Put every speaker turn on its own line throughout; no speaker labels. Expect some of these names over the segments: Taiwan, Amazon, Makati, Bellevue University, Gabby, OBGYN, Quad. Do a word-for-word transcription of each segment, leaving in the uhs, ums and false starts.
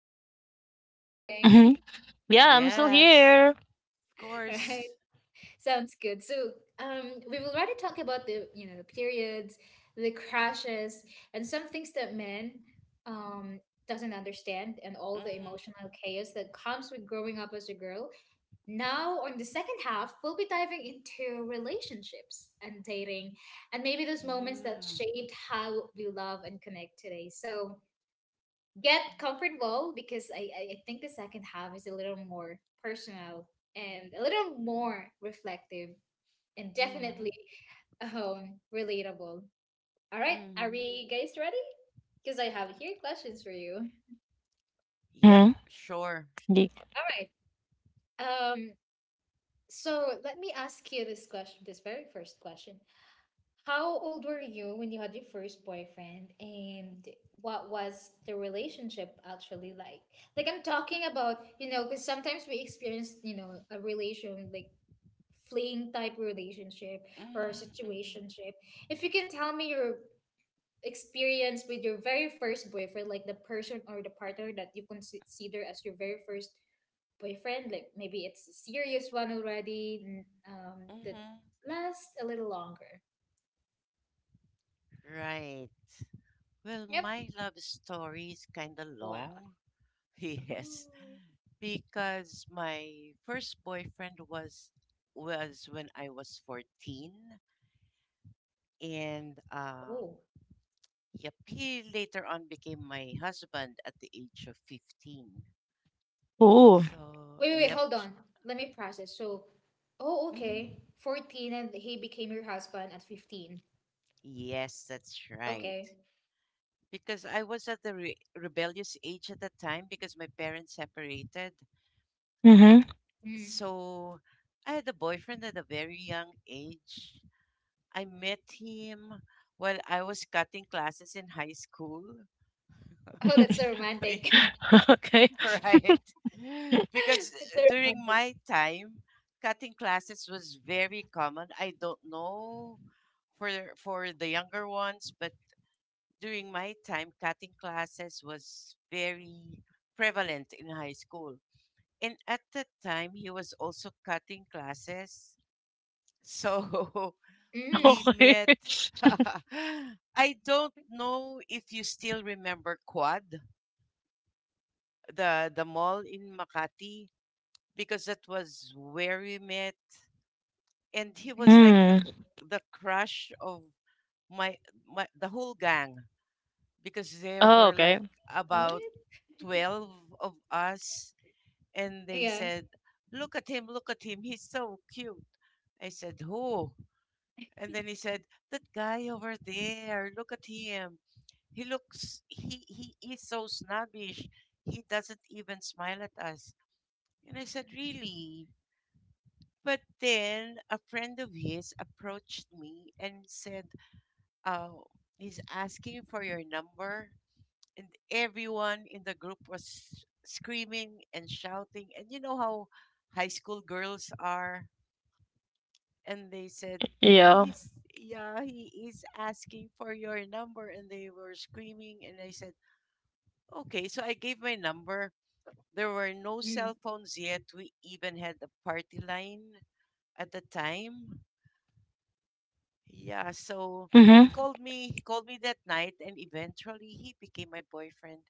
I hope we're still
Mm-hmm.
vibing.
Yeah, I'm still
Yes,
here.
of
Alright,
course.
sounds good. So, um, we've already talked about the you know the periods, the crashes, and some things that men um doesn't understand, and all the
Mm-hmm.
emotional chaos that comes with growing up as a girl. Now, on the second half, we'll be diving into relationships and dating and maybe those moments that
Mm-hmm.
shaped how we love and connect today. So get comfortable because I, I I think the second half is a little more personal and a little more reflective and
Mm-hmm.
definitely um, relatable. All right, are
Mm-hmm.
we guys ready? Because I have here questions for you.
Yep,
Mm-hmm.
sure.
Ye-
All right. Um, so let me ask you this question, this very first question. How old were you when you had your first boyfriend, and what was the relationship actually like? Like I'm talking about, you know, because sometimes we experience, you know, a relation like fleeing type relationship or
Mm-hmm.
situationship. If you can tell me your experience with your very first boyfriend, like the person or the partner that you consider as your very first boyfriend, like maybe it's a serious one already, n- um, that
Mm-hmm.
lasts a little longer.
Right. Well,
Yep.
my love story is kind of
Wow.
long. Yes,
Oh.
because my first boyfriend was was when I was fourteen and uh
Oh.
yep, he later on became my husband at the age of fifteen.
Ooh.
So,
Wait, wait, wait,
yep.
hold on. Let me process. So, oh,
Mm,
okay. fourteen and he became your husband at fifteen.
Yes, that's right.
Okay.
Because I was at the re rebellious age at that time because my parents separated.
Mm-hmm.
Mm.
So I had a boyfriend at a very young age. I met him while I was cutting classes in high school.
Oh, that's so
Yeah,
romantic.
okay.
right. Because
That's
uh,
so
during
romantic.
my time, cutting classes was very common. I don't know for for the younger ones, but during my time, cutting classes was very prevalent in high school. And at that time, he was also cutting classes. So we
Mm.
Okay.
met. I don't know if you still remember Quad, the, the mall in Makati, because that was where we met. And he was like
Mm.
the,
Mm.
the crush of my, my the whole gang because there
Oh,
were
okay.
like
What?
about twelve of us, and they
Yeah.
said, look at him, look at him, he's so cute. I said, who? And then he said, that guy over there, look at him. He looks, he, he is so snobbish. He doesn't even smile at us. And I said, really? But then a friend of his approached me and said, oh, he's asking for your number. And everyone in the group was screaming and shouting, and you know how high school girls are. And they said,
Yeah.
he's yeah, he is asking for your number. And they were screaming, and I said, okay. So I gave my number. There were no
Mm.
cell phones yet. We even had a party line at the time. Yeah. So he
Mm-hmm.
called me he called me that night, and eventually he became my boyfriend.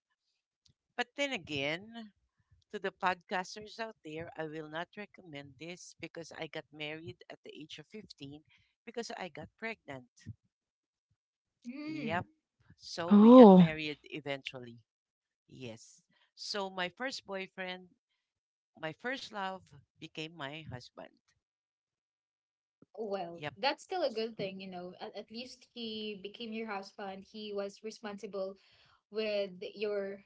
But then again, to the podcasters out there, I will not recommend this because I got married at the age of fifteen because I got pregnant.
Mm.
Yep. So we got
Oh.
married eventually. Yes. So my first boyfriend, my first love became my husband.
Well,
Yep.
that's still a
S-
good thing, you know. At, at least he became your husband. He was responsible with your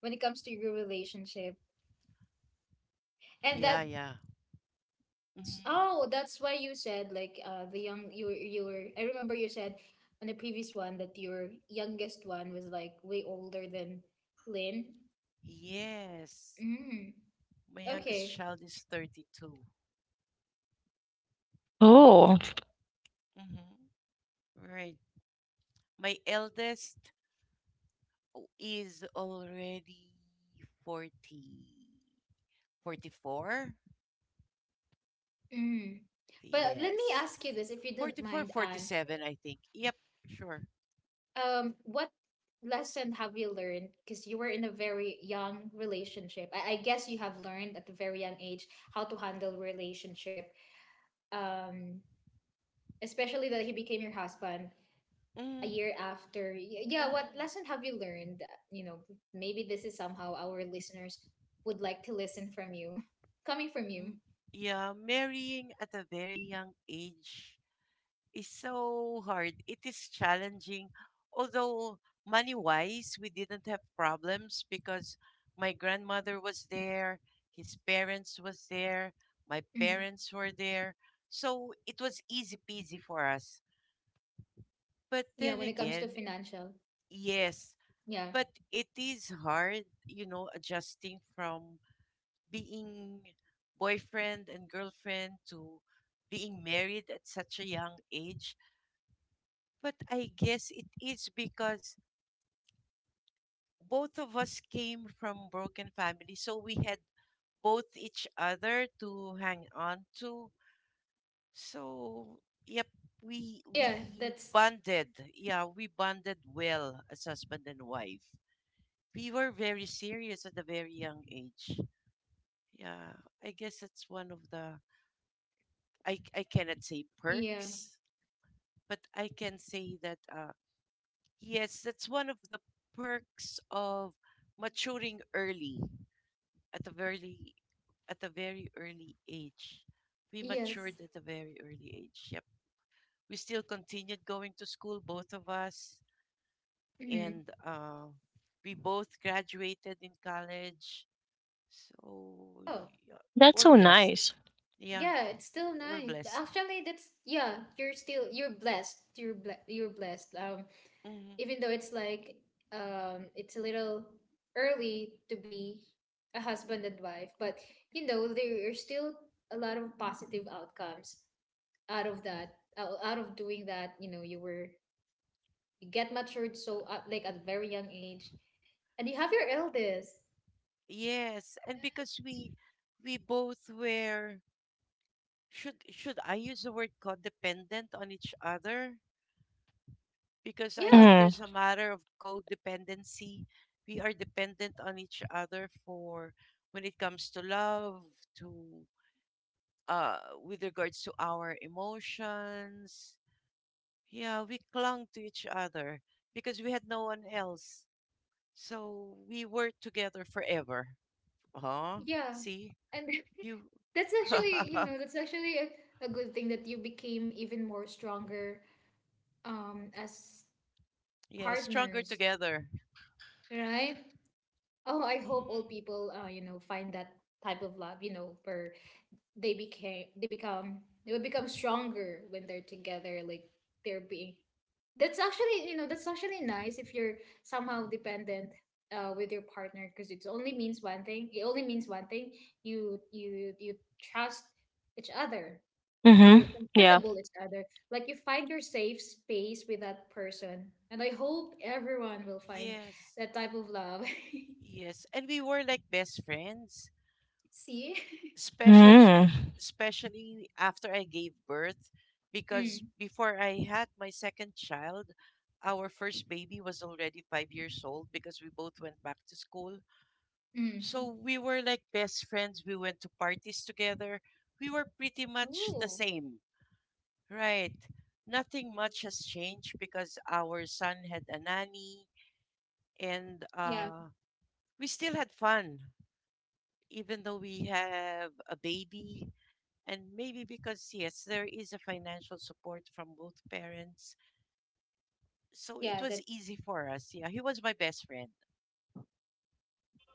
when it comes to your relationship. And
Yeah,
that
yeah. hmm
oh, that's why you said like uh the young you were- you were I remember you said on the previous one that your youngest one was like way older than Lynn.
Yes.
Mm.
My youngest
Okay.
child is thirty-two. Mm-hmm.
Oh.
Mm-hmm. Right. My eldest o- is already forty, forty four.
Mm. But let me
Yes.
ask you this if you don't
Forty four,
mind,
forty
Anne.
seven. I think. Yep, sure.
Um, what lesson have you learned? Because you were in a very young relationship. I, I guess you have learned at a very young age how to handle relationship. Um, Especially that he became your husband
Mm,
a year after. Y- yeah, what
mm.
lesson have you learned, you know, maybe this is somehow our listeners would like to listen from you coming from
M-
you.
Yeah, marrying at a very young age is so hard. It is challenging. Although money wise, we didn't have problems because my grandmother was there, his parents was there, my
Mhm.
parents were there. So it was easy peasy for us. But
Yeah,
then
when it comes to
again,
financial,
yes,
yeah.
but it is hard, you know, adjusting from being boyfriend and girlfriend to being married at such a young age. But I guess it is because both of us came from broken families, so we had both each other to hang on to. So, yep, we
Yeah,
we
that's
bonded. Yeah, we bonded well as husband and wife. We were very serious at a very young age. Yeah, I guess that's one of the, I I cannot say
yeah.
perks, but I can say that uh yes, that's one of the perks of maturing early at a very at a very early age. We
Yes.
matured at a very early age. Yep. We still continued going to school, both of us,
Hmm.
and uh, we both graduated in college. So
Oh
yeah,
That's
we're
so
blessed.
nice.
Yeah,
yeah, it's still
we're
nice
blessed.
actually. That's yeah, you're still you're blessed, you're ble- you're blessed. Um
hmm
even though it's like, um it's a little early to be a husband and wife, but you know, there are still a lot of positive outcomes out of that, out out of doing that, you know, you were you get matured so, uh, like at a very young age, and you have your eldest.
Yes, and because we we both were, should should I use the word codependent on each other? Because I
Yeah.
think
Mm.
there's a matter of codependency. We are dependent on each other for, when it comes to love, to uh, with regards to our emotions. Yeah, we clung to each other because we had no one else. So we were together forever. Huh?
Yeah,
See?
and
You
that's actually, you know, that's actually a, a good thing that you became even more stronger um as
Yeah, stronger
partners,
together.
right? Oh, I hope
Mm,
all people, uh, you know, find that type of love, you know, where they became, they become, they will become stronger when they're together. Like they're being. That's actually, you know, that's actually nice if you're somehow dependent uh, with your partner because it only means one thing. It only means one thing. You you you trust each other and you're
Mm-hmm. Yeah.
comfortable each other. Like you find your safe space with that person, and I hope everyone will find
yes.
that type of love.
Yes, and we were like best friends,
See?
especially b-
Mm.
especially after I gave birth,
Mm,
because before I had my second child, our first baby was already five years old because we both went back to school.
mm.
So we were like best friends. We went to parties together. We were pretty much the
Oh,
same. Right. Nothing much has changed because our son had a nanny, and
yeah,
uh we still had fun even though we have a baby. And maybe because, yes, there is a financial support from both parents. So it
yeah,
was
that's,
easy for us. Yeah, he was my best friend.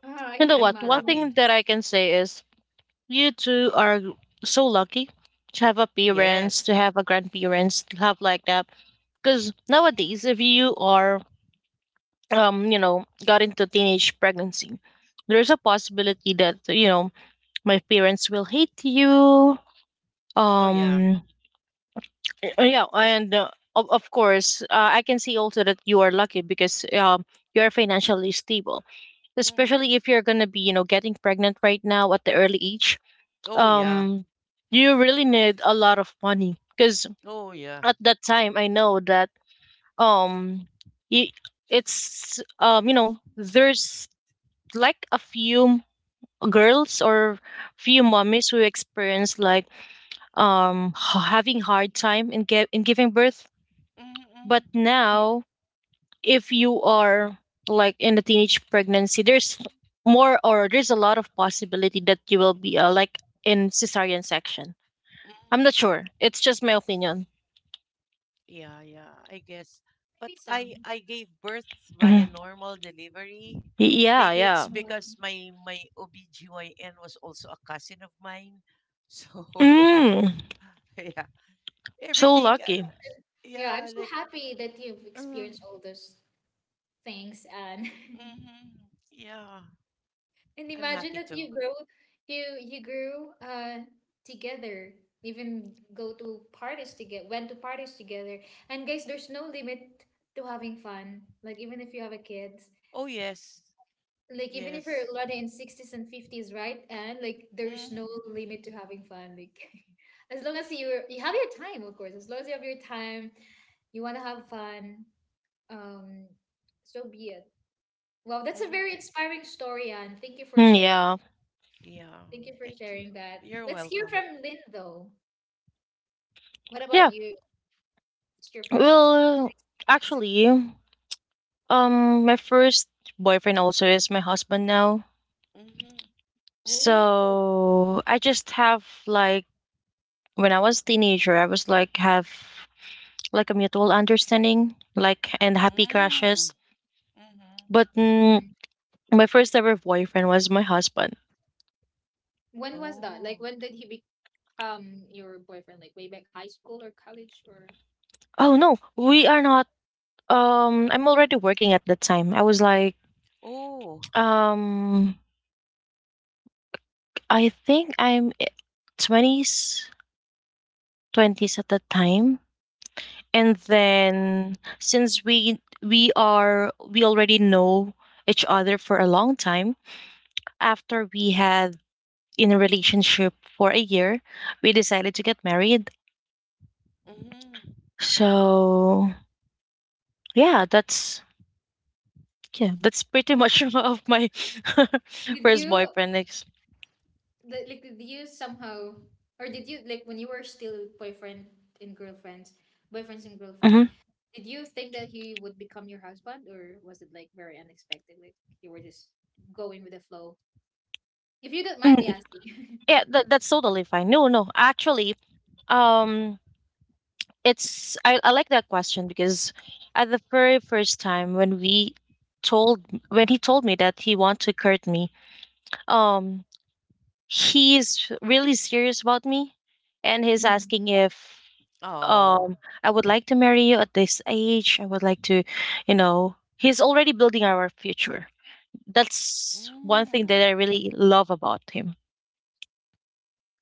ah, I
You know
can
I'm
what? One
imagine. That's
thing
lucky.
that
just
I can say is you two are so lucky to have a parents, to
Yes.
have a grandparents, to have like that. Because nowadays,
Mm.
if you are um, you know, got into teenage pregnancy, there's a possibility that, you know, my parents will hate you.
Oh, yeah.
Um, uh, yeah, and uh, of, of course, uh, I can see also that you are lucky because um, you're financially stable,
Hmm.
especially if you're going to be, you know, getting pregnant right now at the early age.
Oh, yeah.
Um, you really need a lot of money because
Oh, yeah.
at that time, I know that um, y- it's, um, you know, there's like a few girls or few mommies who experience like um h- having hard time in get in giving birth
Mm-hmm,
but
mm-hmm.
mm,
now if you are like in the teenage pregnancy there's more or there's a lot of possibility that you will be uh, like in cesarean section.
Mm-hmm.
I'm not sure, it's just my opinion.
Yeah, yeah, I guess. But
maybe
I
some.
I gave birth via
Mhm.
normal delivery.
Yeah,
Maybe it's
yeah.
because
Um,
my my O B G Y N was also a cousin of mine. So
Mm,
yeah,
so
y-
everything uh,
lucky.
l-
yeah, I'm
yeah,
so
like
happy that you've
uh,
experienced all those things. And
hmm yeah,
and
I'm
imagine
happy
that
too.
you grow, you you grew uh together, even go to parties together, went to parties together. And guys, there's no limit to having fun. Like even if you have a kid,
Oh, yes.
like even if
Yes.
you're already in sixties and fifties, right? And like there's
Hmm.
no limit to having fun. Like as long as you you have your time, of course. As long as you have your time, you want to have fun. Um, so be it. Well, that's a very
Hmm.
inspiring story, Anne. Thank you for
Mm,
sharing.
yeah.
Yeah.
Thank you for
Thank you.
sharing that.
You're
Let's hear
welcome.
from Lynn though. What about
Yeah,
you? What's your first ex-
well,
experience?
actually, Um, my first boyfriend also is my husband now.
Hmm.
Oh,
So I just have like when I was teenager, I was like have like a mutual understanding, like and happy
Mm.
crashes.
Hmm.
But mm,
mhm.
my first ever boyfriend was my husband.
When was that?
Oh.
Like when did he become your boyfriend? Like way back high school or college or?
Oh no, we are not. Um, I'm already working at that time. I was like,
Oh.
um, I think I'm eh, twenties, twenties at that time. And then since we we are we already know each other for a long time. After we had in a relationship for a year, we decided to get married.
Hmm.
So yeah, that's yeah, that's pretty much of my
Did
first
you?
boyfriend ex.
Like, like did you somehow or did you like when you were still boyfriend and girlfriends, boyfriends and girlfriends,
Mhm.
did you think that he would become your husband or was it like very unexpected? Like you were just going with the flow? If you don't mind me
Mm,
asking.
yeah, that, that's totally fine. No no Actually, um it's I, I like that question because at the very first time when we told when he told me that he want to court me, um he's really serious about me, and he's
Mm.
asking if
Oh.
um I would like to marry you at this age. I would like to, you know, he's already building our future. That's one thing
Mm.
that I really love about him.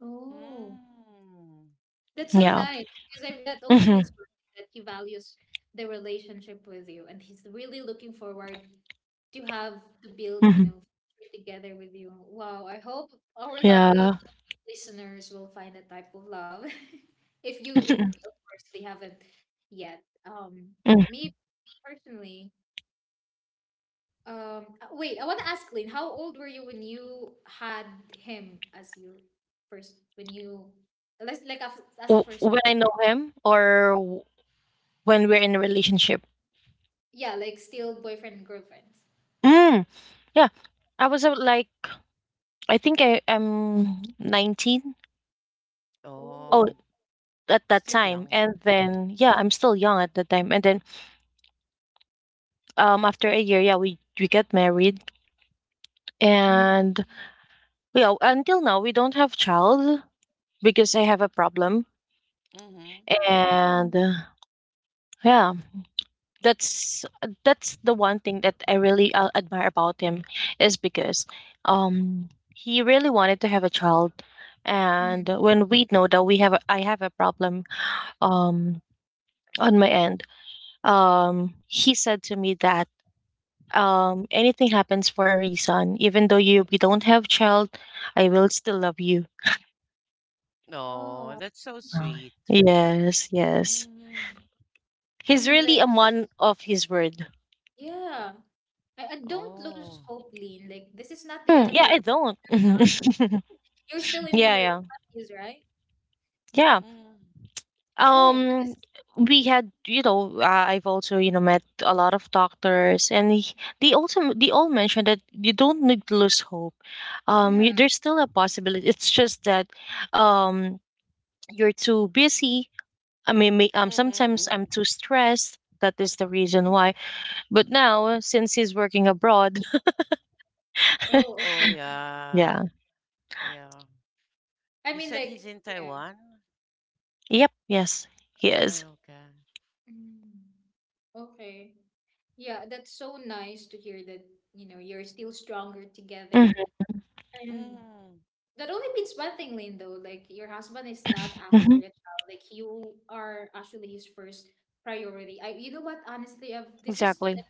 Oh,
Mm.
that's so
Yeah.
nice because that only means
Hmm.
for me that he values the relationship with you and he's really looking forward to have to build, you
Hmm.
know, together with you. Wow, I hope our lovely
Yeah.
listeners will find a type of love if you if
Er,
of course they haven't yet. Um
Mm.
me personally, um uh, wait, I want to ask Lynn, how old were you when you had him as your first, when you like like af- as a
W-
first,
when I know him or when we're in a relationship.
yeah, like still boyfriend and girlfriend?
Mm, yeah. I was uh, like, I think I am nineteen.
Oh,
Oh,
oh,
at that
still
time.
young.
And
Hmm.
then, yeah, I'm still young at that time. And then um, after a year, yeah, we, we get married.
mm.
And yeah, until now, we don't have child because I have a problem.
Hmm.
Oh,
And uh, yeah, that's that's the one thing that I really uh, admire about him is because um he really wanted to have a child, and
mm.
when we know that we have a, I have a problem um on my end, um he said to me that um anything happens for a reason. Even though you we don't have child, I will still love you.
Oh,
Oh,
that's so
Oh.
sweet.
Yes, yes.
Hmm.
I
He's
mean
really
like
a
Yes.
man of his word.
yeah. I, I don't lose
Oh.
hope, Lynn, like this is not the
Hmm,
end of
yeah,
the
I
world.
don't.
You're still in your
Yeah, yeah,
twenties, right?
yeah.
Mm.
Right. So
um
this,
we had, you know, uh, I've also, you know, met a lot of doctors and he- they also, they all mentioned that you don't need to lose hope. Um you,
yeah.
there's still a possibility. It's just that um you're too busy. I mean, may, um
Mm-hmm,
sometimes
mm-hmm.
I'm too stressed, that is the reason why. But now since he's working abroad.
Oh,
Oh,
okay.
yeah.
Yeah.
Yeah.
I
You
mean,
said he's
like,
in
yeah.
Taiwan?
Yep, yes, he
Ay,
is.
okay.
Mm. Okay. Yeah, that's so nice to hear that, you know, you're still stronger together.
Hmm.
And
Mm.
that only means one thing, Lynn, though. Like, your husband is not after your child. Like, you are actually his first priority. I, you know what? Honestly, I've, this is
Exactly.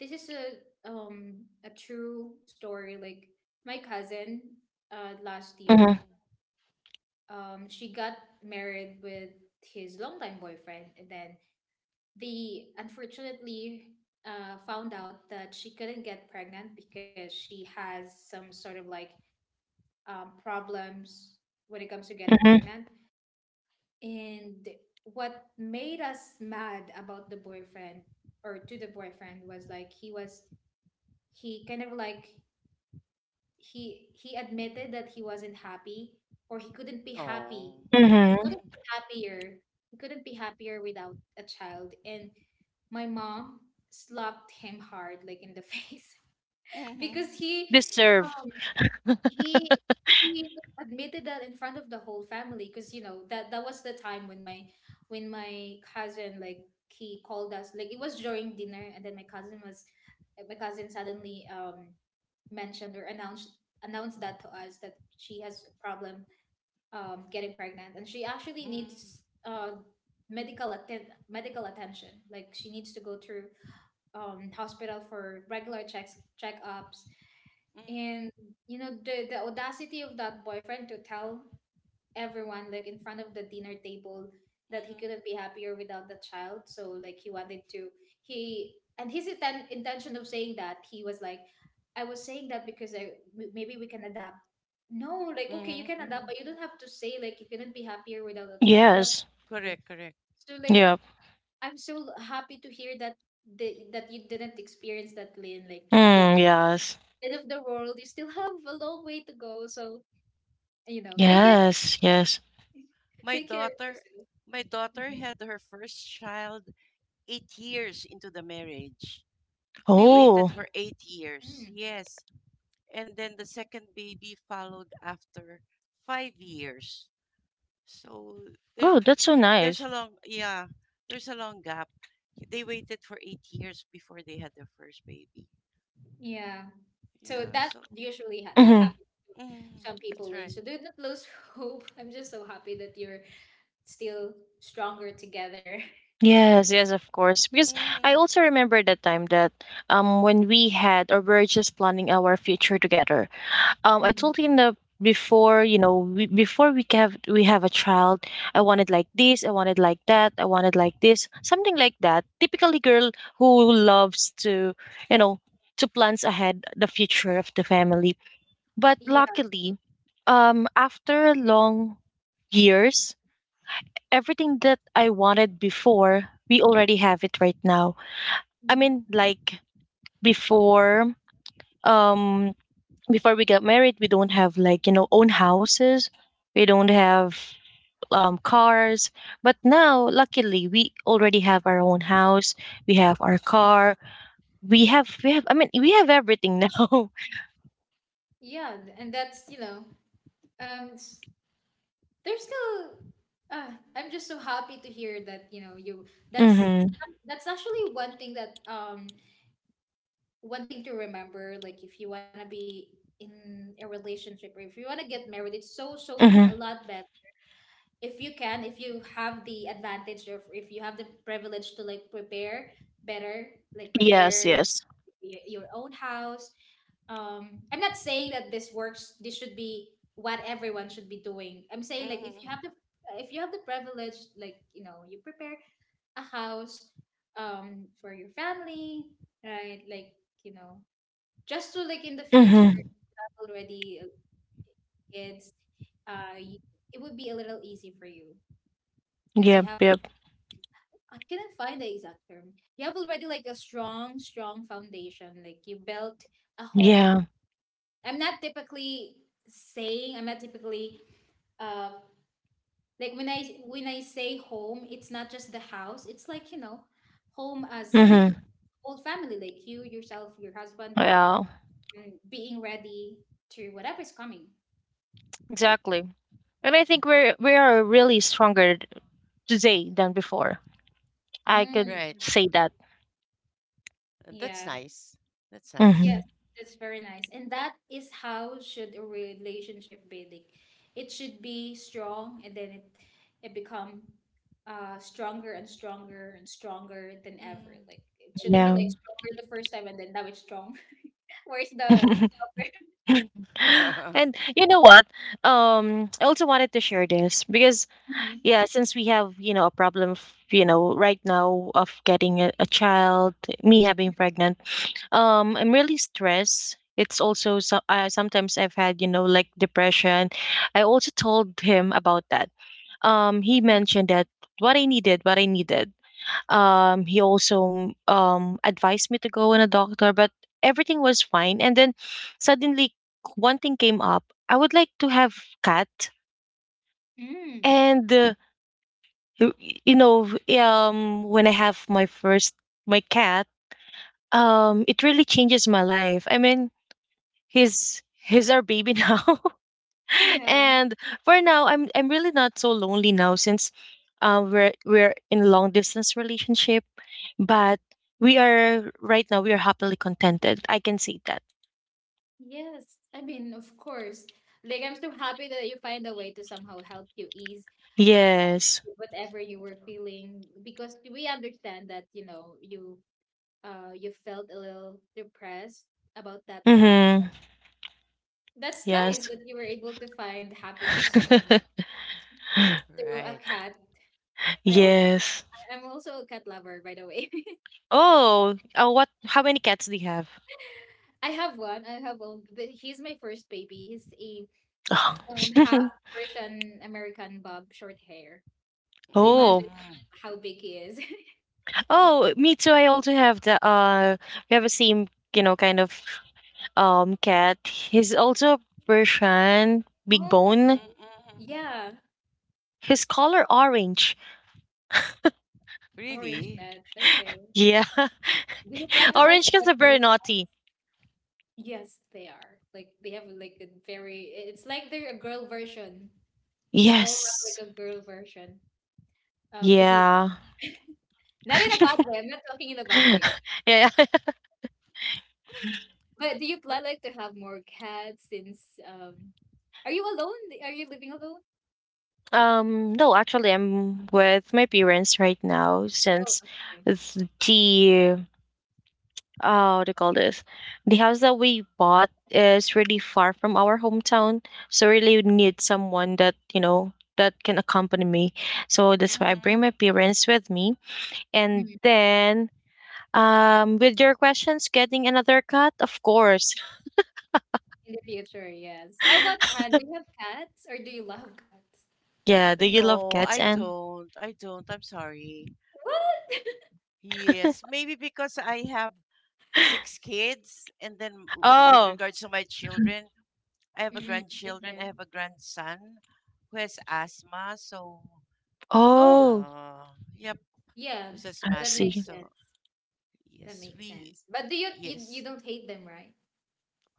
this is a um a true story. Like, my cousin, uh, last year,
Hmm.
Mm-hmm.
um, she got married with his longtime boyfriend, and then they unfortunately uh, found out that she couldn't get pregnant because she has some sort of like um, problems when it comes to getting
Hmm.
pregnant. And what made us mad about the boyfriend or to the boyfriend was like he was he kind of like he he admitted that he wasn't happy or he couldn't be happy
Oh.
he
Hmm.
couldn't
Mm-hmm.
be happier he couldn't be happier without a child. And my mom slapped him hard like in the face because
Mm-hmm.
he
Deserve.
he he admitted that in front of the whole family, because you know that that was the time when my when my cousin like he called us, like it was during dinner, and then my cousin was my cousin suddenly um mentioned or announced announced that to us that she has a problem um getting pregnant, and she actually
Mm-hmm.
needs uh medical attend medical attention. Like she needs to go through um hospital for regular checks checkups. And you know the the audacity of that boyfriend to tell everyone like in front of the dinner table that he couldn't be
Mm-hmm.
happier without the child, so like he wanted to, he and his inten- intention of saying that, he was like, I was saying that because I m- maybe we can adapt. No, like, okay, you can
Mm-hmm.
adapt,
Mm-hmm.
but you don't have to say like you couldn't be happier without a child, you have
Yes.
to.
Correct, correct.
So like
Yeah.
I'm so happy to hear that the, that you didn't experience that, Lynn. Like again,
Mm, yes.
end of the world. You still have a long way to go. So, you know, take care,
Right.
Yes, yes.
My
take care of
daughter
yourself.
my daughter
Mhm.
had her first child eight years into the marriage. They
See?
Oh,
waited for eight years.
Mm.
Yes. And then the second baby followed after five years. So
oh,
there's
that's so nice.
there's a long yeah there's a long gap. They waited for eight years before they had their first baby.
Yeah. So
Yeah,
that
so
usually ha- that
Hmm.
happens to
mm,
some people,
that's
in. So
right.
do not lose hope. I'm just so happy that you're still stronger together.
Yes, yes, of course. Because I
Mm,
also remember that time that um when we had or we are just planning our future together. Um, I
Mm.
told him that before, you know, we, before we have we have a child, I wanted like this, I wanted like that, I wanted like this, something like that. Typically, girl who loves to, you know, to plans ahead the future of the family. But
Yeah.
luckily, um, after long years, everything that I wanted before, we already have it right now. I
Mm.
mean, like before, um, before we got married, we don't have like, you know, own houses, we don't have um cars. But now, luckily, we already have our own house. We have our car. We have we have. I mean, we have everything now.
Yeah, th- and that's, you know, um s- there's still uh, I'm just so happy to hear that, you know, you that's
Mm-hmm.
some- That's actually one thing that um one thing to remember, like if you want to be in a relationship or if you want to get married, it's so so a
Mm-hmm.
lot better if you can if you have the advantage or if you have the privilege to like prepare better, like
Yes.
prepare
Yes.
y- your own house. um I'm not saying that this works this should be what everyone should be doing. I'm saying like if you have
mm,
the if you have the privilege, like you know, you prepare a house um for your family, right? Like, you know, just so like in the future,
Mm-hmm.
you have already uh, kids. uh you, it would be a little easy for you because you
Yep.
have,
Yep.
I cannot find the exact term, you have already like a strong strong foundation, like you built a home al-
Yeah.
i'm not typically saying I'm not typically, uh like when i when i say home, it's not just the house. It's like, you know, home as
Hmm.
whole family, like you yourself, your husband,
Yeah.
mm, being ready to whatever's coming.
Exactly. And I think we're we are really stronger today than before. I could
Mm.
right,
say that.
Uh, that's
Yeah.
nice. That's nice.
Yes,
Hmm.
that's very nice. And that is how should a relationship be like. It should be strong, and then it it become uh stronger and stronger and stronger than ever. Like
Mm.
it shouldn't be
Yeah.
like stronger the first time and then now it's strong. Where's the stronger?
And you know what? Um, I also wanted to share this because
Hmm.
yeah, since we have, you know, a problem, of, you know, right now of getting a, a child, me having pregnant, um, I'm really stressed. It's also so, uh, sometimes I've had, you know, like depression. I also told him about that. Um, he mentioned that what I needed, what I needed. Um, he also um, advised me to go in a doctor, but everything was fine. And then suddenly, one thing came up. I would like to have cat,
Mm.
and uh, y- you know, um, when I have my first my cat, um, it really changes my life. I mean, he's he's our baby now.
Yeah.
And for now, I'm I'm really not so lonely now since uh, we're we're in a long distance relationship, but we are right now we are happily contented. I can see that.
Yes, I mean, of course. Like, I'm so happy that you find a way to somehow help you ease
Yes.
whatever you were feeling, because we understand that, you know, you uh, You felt a little depressed about that fact.
Mm-hmm.
That's nice
Yes.
that you were able to find happiness, you know, through a
Right.
cat. I also
Yes.
I'm also a cat lover, by the way.
Oh, uh, what? How many cats do you have?
I have one. I have one, but he's my first baby. He's a
Oh.
um half Persian American bob, short hair. So
Mm.
Oh,
imagine
Mhm.
how big he is.
oh, me too. I also have the uh, we have a same, you know, kind of um cat. He's also Persian, big
Oh,
bone.
Mhm. Mhm.
yeah,
His color orange.
orange
Really?
cat. Okay.
Yeah.
Do you plan to like
Orange because
get
of
more
very
cats?
naughty.
Yes, they are. Like they have like a very, it's like they're a girl version. They all have
Yes.
like a girl version um behavior.
Yeah.
Not in a bad way. I'm not talking in a bad way.
Yeah.
But do you
What?
plan like to have more cats, since um are you alone? Are you living alone?
Um no, actually I'm with my parents right now
Oh,
since
okay.
th- the uh what do you call this? The house that we bought is really far from our hometown. So really need someone that, you know, that can accompany me. So that's why I bring
Mm-hmm.
my parents with me. And
Mm.
then, um, with your questions, getting another cat? Of course.
In the future, yes. How about Anne? Do you have cats or do you love cats?
Yeah. Do you love
No,
cats,
I
And?
don't. I don't. I'm sorry.
What?
Yes, maybe because I have six kids, and then w- with
Oh.
regards to my children, I have a
Mm,
grandchildren, I
okay.
have a grandson who has asthma, so
Oh,
Oh,
yeah, yep,
yeah.
who's
I
That
asthmatic.
makes
see.
sense.
So
That
yes,
makes
we,
sense. But do you you, you
yes.
don't hate them, right?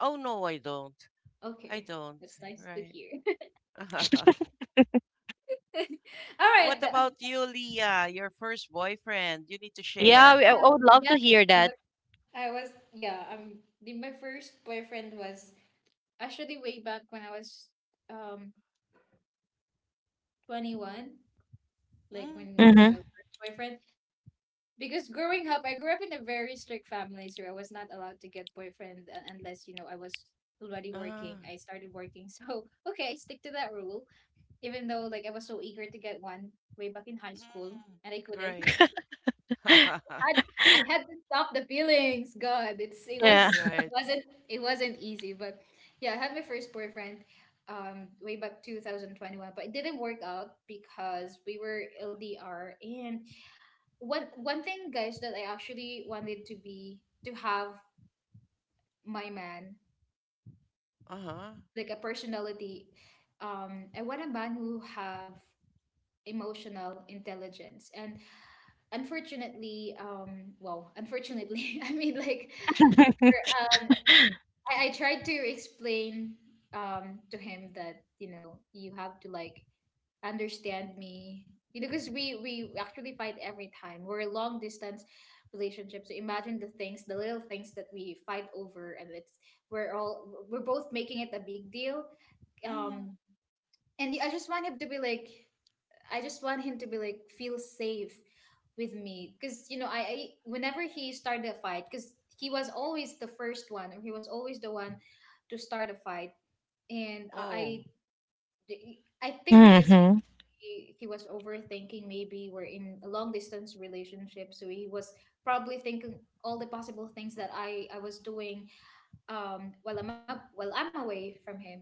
Oh no, I don't. I
Okay.
don't.
That's nice to
Right.
hear. All right.
What
th-
about you, Leah? Your first boyfriend? You need to
Yeah,
share.
we- I I would
Um,
love to
yeah,
hear
I
that.
was I was yeah, um the, My first boyfriend was actually way back when I was um twenty-one, like
Mm,
when you know
Mm-hmm.
first boyfriend, because growing up, I grew up in a very strict family, so I was not allowed to get boyfriend uh, unless you know I was already
uh,
working. I started working. So okay, I stick to that rule even though like I was so eager to get one way back in high
mm,
school and I couldn't.
right.
had I had to stop the feelings. God, it's it
Yeah.
was
Right.
wasn't it wasn't easy, but yeah, I had my first boyfriend um way back twenty twenty-one, but it didn't work out because we were L D R. And one one thing guys that I actually wanted to be to have my man,
Uh-huh.
like a personality, um I want a man who have emotional intelligence. And unfortunately um well unfortunately, i mean like I, I tried to explain um to him that you know you have to like understand me, you know, because we we actually fight every time we're a long distance relationship. So imagine the things the little things that we fight over, and it's we're all we're both making it a big deal.
Mhm.
um and I just want him to be like, I just want him to be like feel safe with me because you know I, I whenever he started a fight, because he was always the first one or he was always the one to start a fight. And
Oh.
I I I think because
Mm-hmm.
he, he was overthinking, maybe we're in a long distance relationship, so he was probably thinking all the possible things that I I was doing um while I'm up while I'm away from him.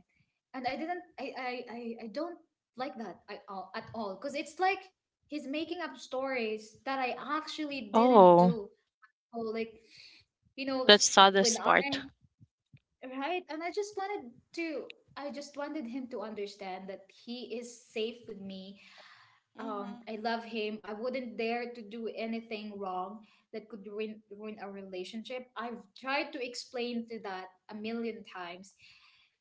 And I didn't I I I, I don't like that at all at all because it's like he's making up stories that I actually didn't
Oh,
do. Or like you know s-
that's the
when
saddest
I
part.
Right, and I just wanted to I just wanted him to understand that he is safe with me. um,
Mhm.
I love him. I wouldn't dare to do anything wrong that could ruin ruin our relationship. I've tried to explain to that a million times,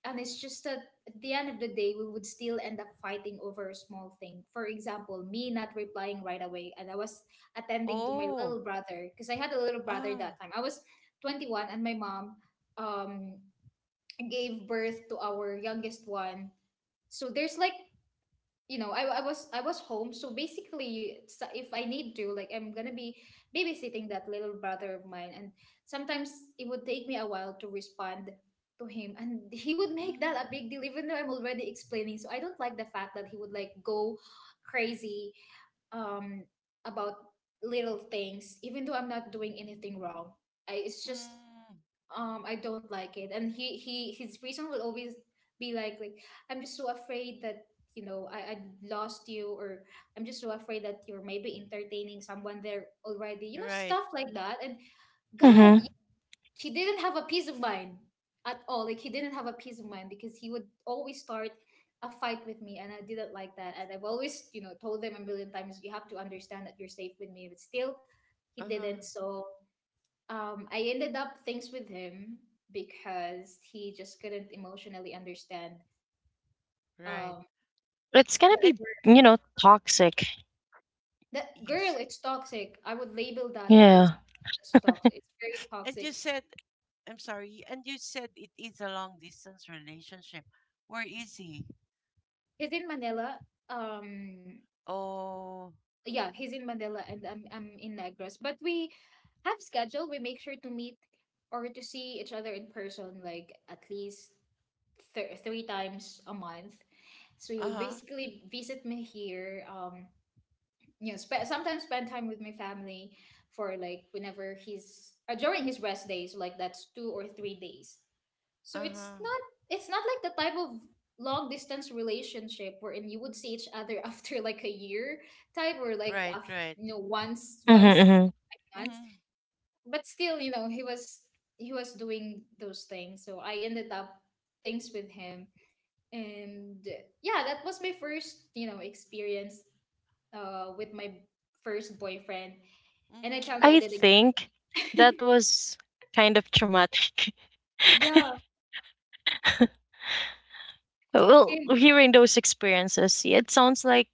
and it's just that at the end of the day, we would still end up fighting over a small thing. For example, me not replying right away, and I was attending to my
Oh.
little brother because I had a little brother
Ah.
that time. I was twenty one, and my mom um gave birth to our youngest one, so there's like, you know, I, I was I was home, so basically, so if I need to, like, I'm gonna be babysitting that little brother of mine, and sometimes it would take me a while to respond to him, and he would make that
Mhm.
a big deal, even though I'm already explaining. So I don't like the fact that he would like go crazy um about little things, even though I'm not doing anything wrong. I, it's just
Mm.
um I don't like it, and he he his reason will always be like like I'm just so afraid that you know i, I lost you, or I'm just so afraid that you're maybe entertaining someone there already, you know,
Right.
stuff like that. and god
Mm-hmm.
y- he didn't have a peace of mind at all. Like he didn't have a peace of mind because he would always start a fight with me, and I didn't like that, and I've always you know told them a million times, you have to understand that you're safe with me, but still he
Uh-huh.
didn't. So um, I ended up things with him because he just couldn't emotionally understand
Right.
um
It's gonna
that
And
be,
word.
you know, toxic.
That
yes.
girl. It's toxic. I would label that or
Yeah.
consider that as toxic. It's very
And you
toxic.
said, I'm sorry, and you said it is a long distance relationship. Where is he?
He's in Manila. Um,
Oh.
yeah, he's in Manila, and I'm I'm in Negros. But we have schedule. We make sure to meet or to see each other in person, like at least th- three times a month. So he would
Uh-huh.
basically visit me here. Um, you know, spe- sometimes spend time with my family for like whenever he's uh, during his rest days, like that's two or three days. So it's
Uh-huh.
not it's not like the type of long distance relationship wherein you would see each other after like a year type, or like
Right,
after,
right.
you know, once
Mm-hmm,
once
mm-hmm.
once.
Mhm.
But still, you know, he was he was doing those things, so I ended up things with him. And uh, yeah, that was my first, you know, experience, uh, with my first boyfriend, and I
Mhm.
tell you, I
I
did
think
it.
that was kind of traumatic.
Yeah,
Well,
it-
hearing those experiences, yeah, it sounds like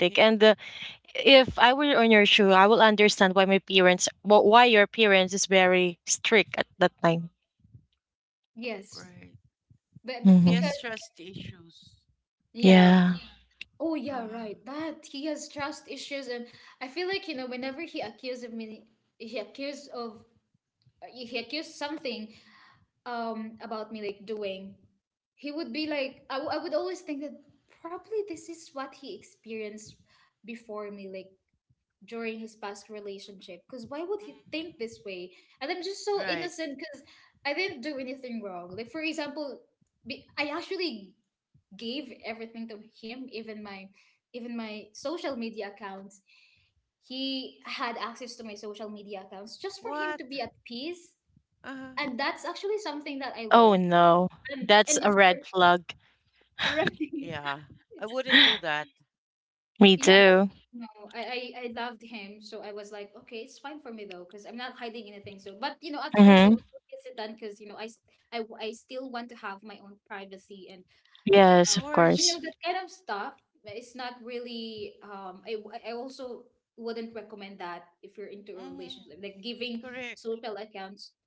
He
And uh, if I were on your shoe, I will understand why my parents wh- why your parents is very strict at that time.
yes.
Right.
But b-
He
Hmm.
has
because,
trust issues.
yeah.
Yeah.
Oh, yeah,
Uh-huh.
right. That he has trust issues. And I feel like, you know, whenever he accused of me, he accused of, he accused something um about me, like doing, he would be like, I, w- I would always think that probably this is what he experienced before me. Like, during his past relationship, because why would he
Mhm.
think this way, and I'm just so
Right.
innocent because I didn't do anything wrong. Like, for example, be- I actually gave everything to him, even my even my social media accounts. He had access to my social media accounts just for him
What?
to be at peace.
Uh-huh.
And that's actually something that I
Oh
learned.
no,
And
that's
and
a
if,
red flag.
Right.
Yeah. I wouldn't do that.
Me
Yeah, but
too.
no, I, I I loved him, so I was like, okay, it's fine for me though, because I'm not hiding anything. So, but you know, at first I
Hmm.
was so hesitant because you know I, s- I w- I still want to have my own privacy and,
Of
Yes,
uh,
of
you know,
course.
course.
that kind of stuff. But it's not really, um. I w- I also wouldn't recommend that if you're into a
Mm-hmm.
relationship, like giving
Correct.
social accounts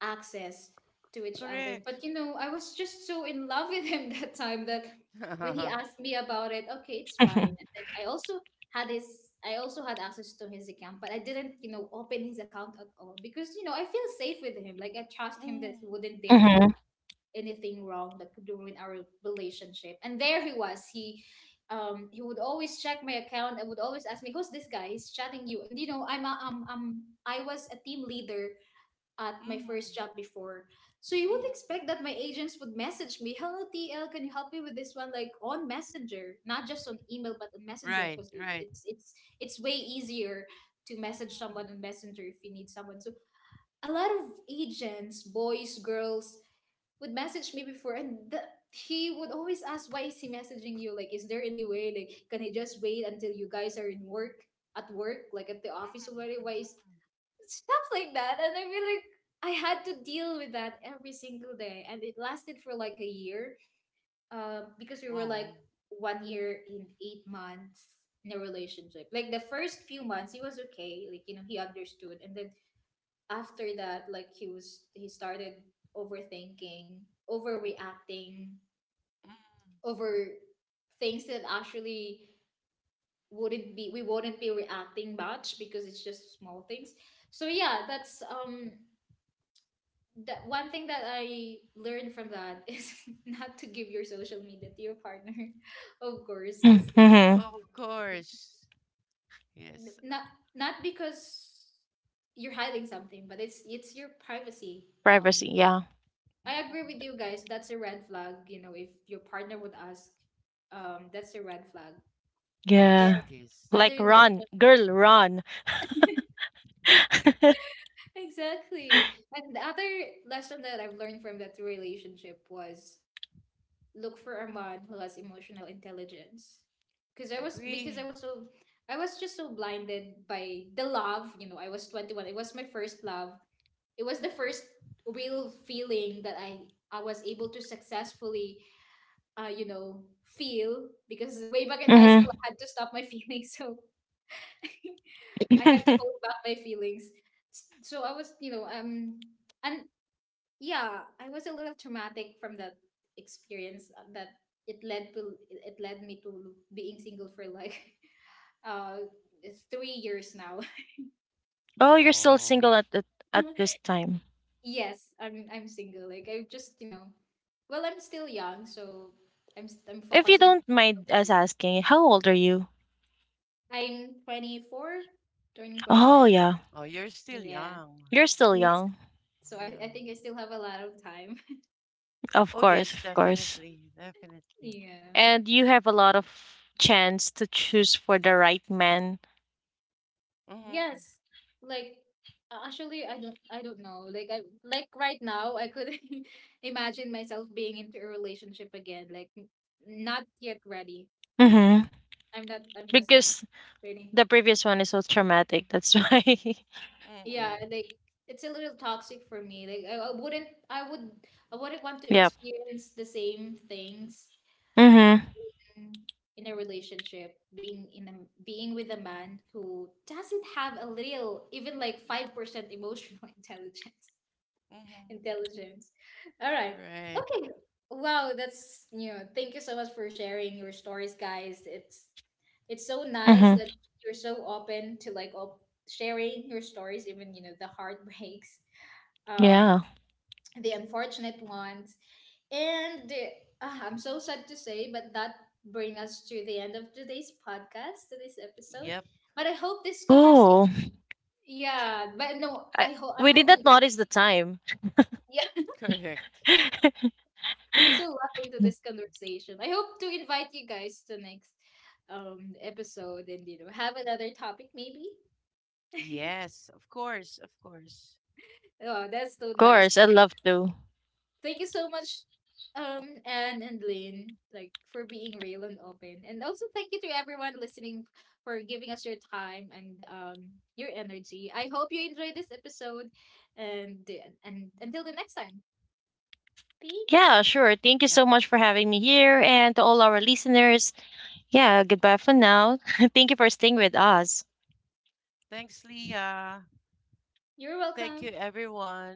access to each other.
Correct.
But you know, I was just so in love with him that time that when
Mm-hmm.
he asked me about it, okay, it's fine. And then I also had his I also had access to his account, but I didn't, you know, open his account at all, because you know, I feel safe with him. Like, I trust him that he wouldn't dare do
Hmm.
anything wrong that could ruin our relationship. And there he was. He um he would always check my account and would always ask me who's this guy he's chatting you. And you know, i'm a, um, um I was a team leader at my
Mm-hmm.
first job before. So you would
Mm-hmm.
expect that my agents would message me, "Hello T L, can you help me with this one?" Like on Messenger, not just on email, but on Messenger,
Right.
because
Right.
it's it's it's way easier to message
Mm-hmm.
someone on Messenger if you need someone. So a lot of agents, boys, girls, would message me before, and the, he would always ask, "Why is he messaging you? Like, is there any way? Like, can I just wait until you guys are in work?" at work, like at the office already, why is"
Mm-hmm.
stuff like that. And I feel like I had to deal with that every single day. And it lasted for like a year, um, because we were
Oh.
like one year in eight months in a relationship. Like the first few months, he was okay. Like, you know, he understood. And then after that, like he was, he started overthinking, overreacting,
Mm-hmm.
over things that actually wouldn't be, we wouldn't be reacting much because it's just small things. So yeah, that's, um, that one thing that I learned from that is not to give your social media to your partner, of course, because
Hmm.
Mm-hmm. Of
you
course. Yes.
know, n- not not because you're hiding something, but it's it's your privacy.
Privacy,
Um,
yeah.
I agree
Mm-hmm.
with you guys. That's a red flag. You know, if your partner would ask, um, that's a red flag.
Yes,
And
Yeah,
it is.
like
other
run
lesson,
girl run.
exactly. And the other lesson that I've learned from that relationship was look for a man who has emotional intelligence because i was
Agree.
because i was so I was just so blinded by the love. You know, I was twenty-one. It was my first love. It was the first real feeling that i i was able to successfully uh you know feel, because way back in high school
Hmm.
I had to stop my feelings. So I had to hold back my feelings. So I was, you know, um and yeah, I was a little traumatic from that experience, uh, that it led to it led me to being single for like uh it's three years now.
Oh, you're still
Oh.
single at, at at this time?
Yes, i'm i'm single. Like, I just, you know, well, I'm still young, so i'm s- I'm
If you
focusing on.
don't mind us asking, how old are you?
I'm twenty-four, turning
Oh
twenty-five.
yeah.
Oh, you're still
Yeah.
young.
You're still
Yes.
young,
So
Yeah.
I, I think I still have a lot of time.
Oh,
of
yes,
course, of course.
definitely. Definitely.
Yeah.
And you have a lot of chance to choose for the right man.
Mm-hmm.
Yes. Like, uh, actually, I don't I don't know. Like, I, like right now I could imagine myself being into a relationship again. Like n- not yet ready.
Mm-hmm.
I'm not I'm just not
Because
ready.
the previous one is so traumatic. That's why.
Mm-hmm.
Yeah, like it's a little toxic for me. Like, I, I wouldn't I would I wouldn't want to
Yep.
experience the same things
Mm-hmm.
in in a relationship being in a being with a man who doesn't have a little even like five percent emotional intelligence.
Mm-hmm.
Intelligence. All right.
Right.
Okay. Wow, that's you know, thank you so much for sharing your stories, guys. It's it's so nice that
Mm-hmm.
you're so open to like op- sharing your stories, even, you know, the heartbreaks, um,
Yeah.
the unfortunate ones. And uh, I'm so sad to say, but that brings us to the end of today's podcast, today's episode.
Yep.
But I hope this conversation,
Oh,
yeah, but no,
I,
I hope
we
I'm
did
hoping
not
that
notice the time.
Correct.
we're so lucky into
Of
this conversation. I hope to invite you guys to next um episode and, you know, have another topic maybe.
Yes, of course, of course.
Oh, that's so nice.
course, I'd love to.
Thank you so much, um, Anne and Lynn, like for being real and open. And also thank you to everyone listening for giving us your time and um your energy. I hope you enjoyed this episode and and until the next time. Thanks.
Yeah, sure. Thank you
Yep.
so much for having me here and to all our listeners. Yeah, goodbye for now. Thank you for staying with us.
Thanks, Leah.
You're
Thank you,
welcome.
everyone.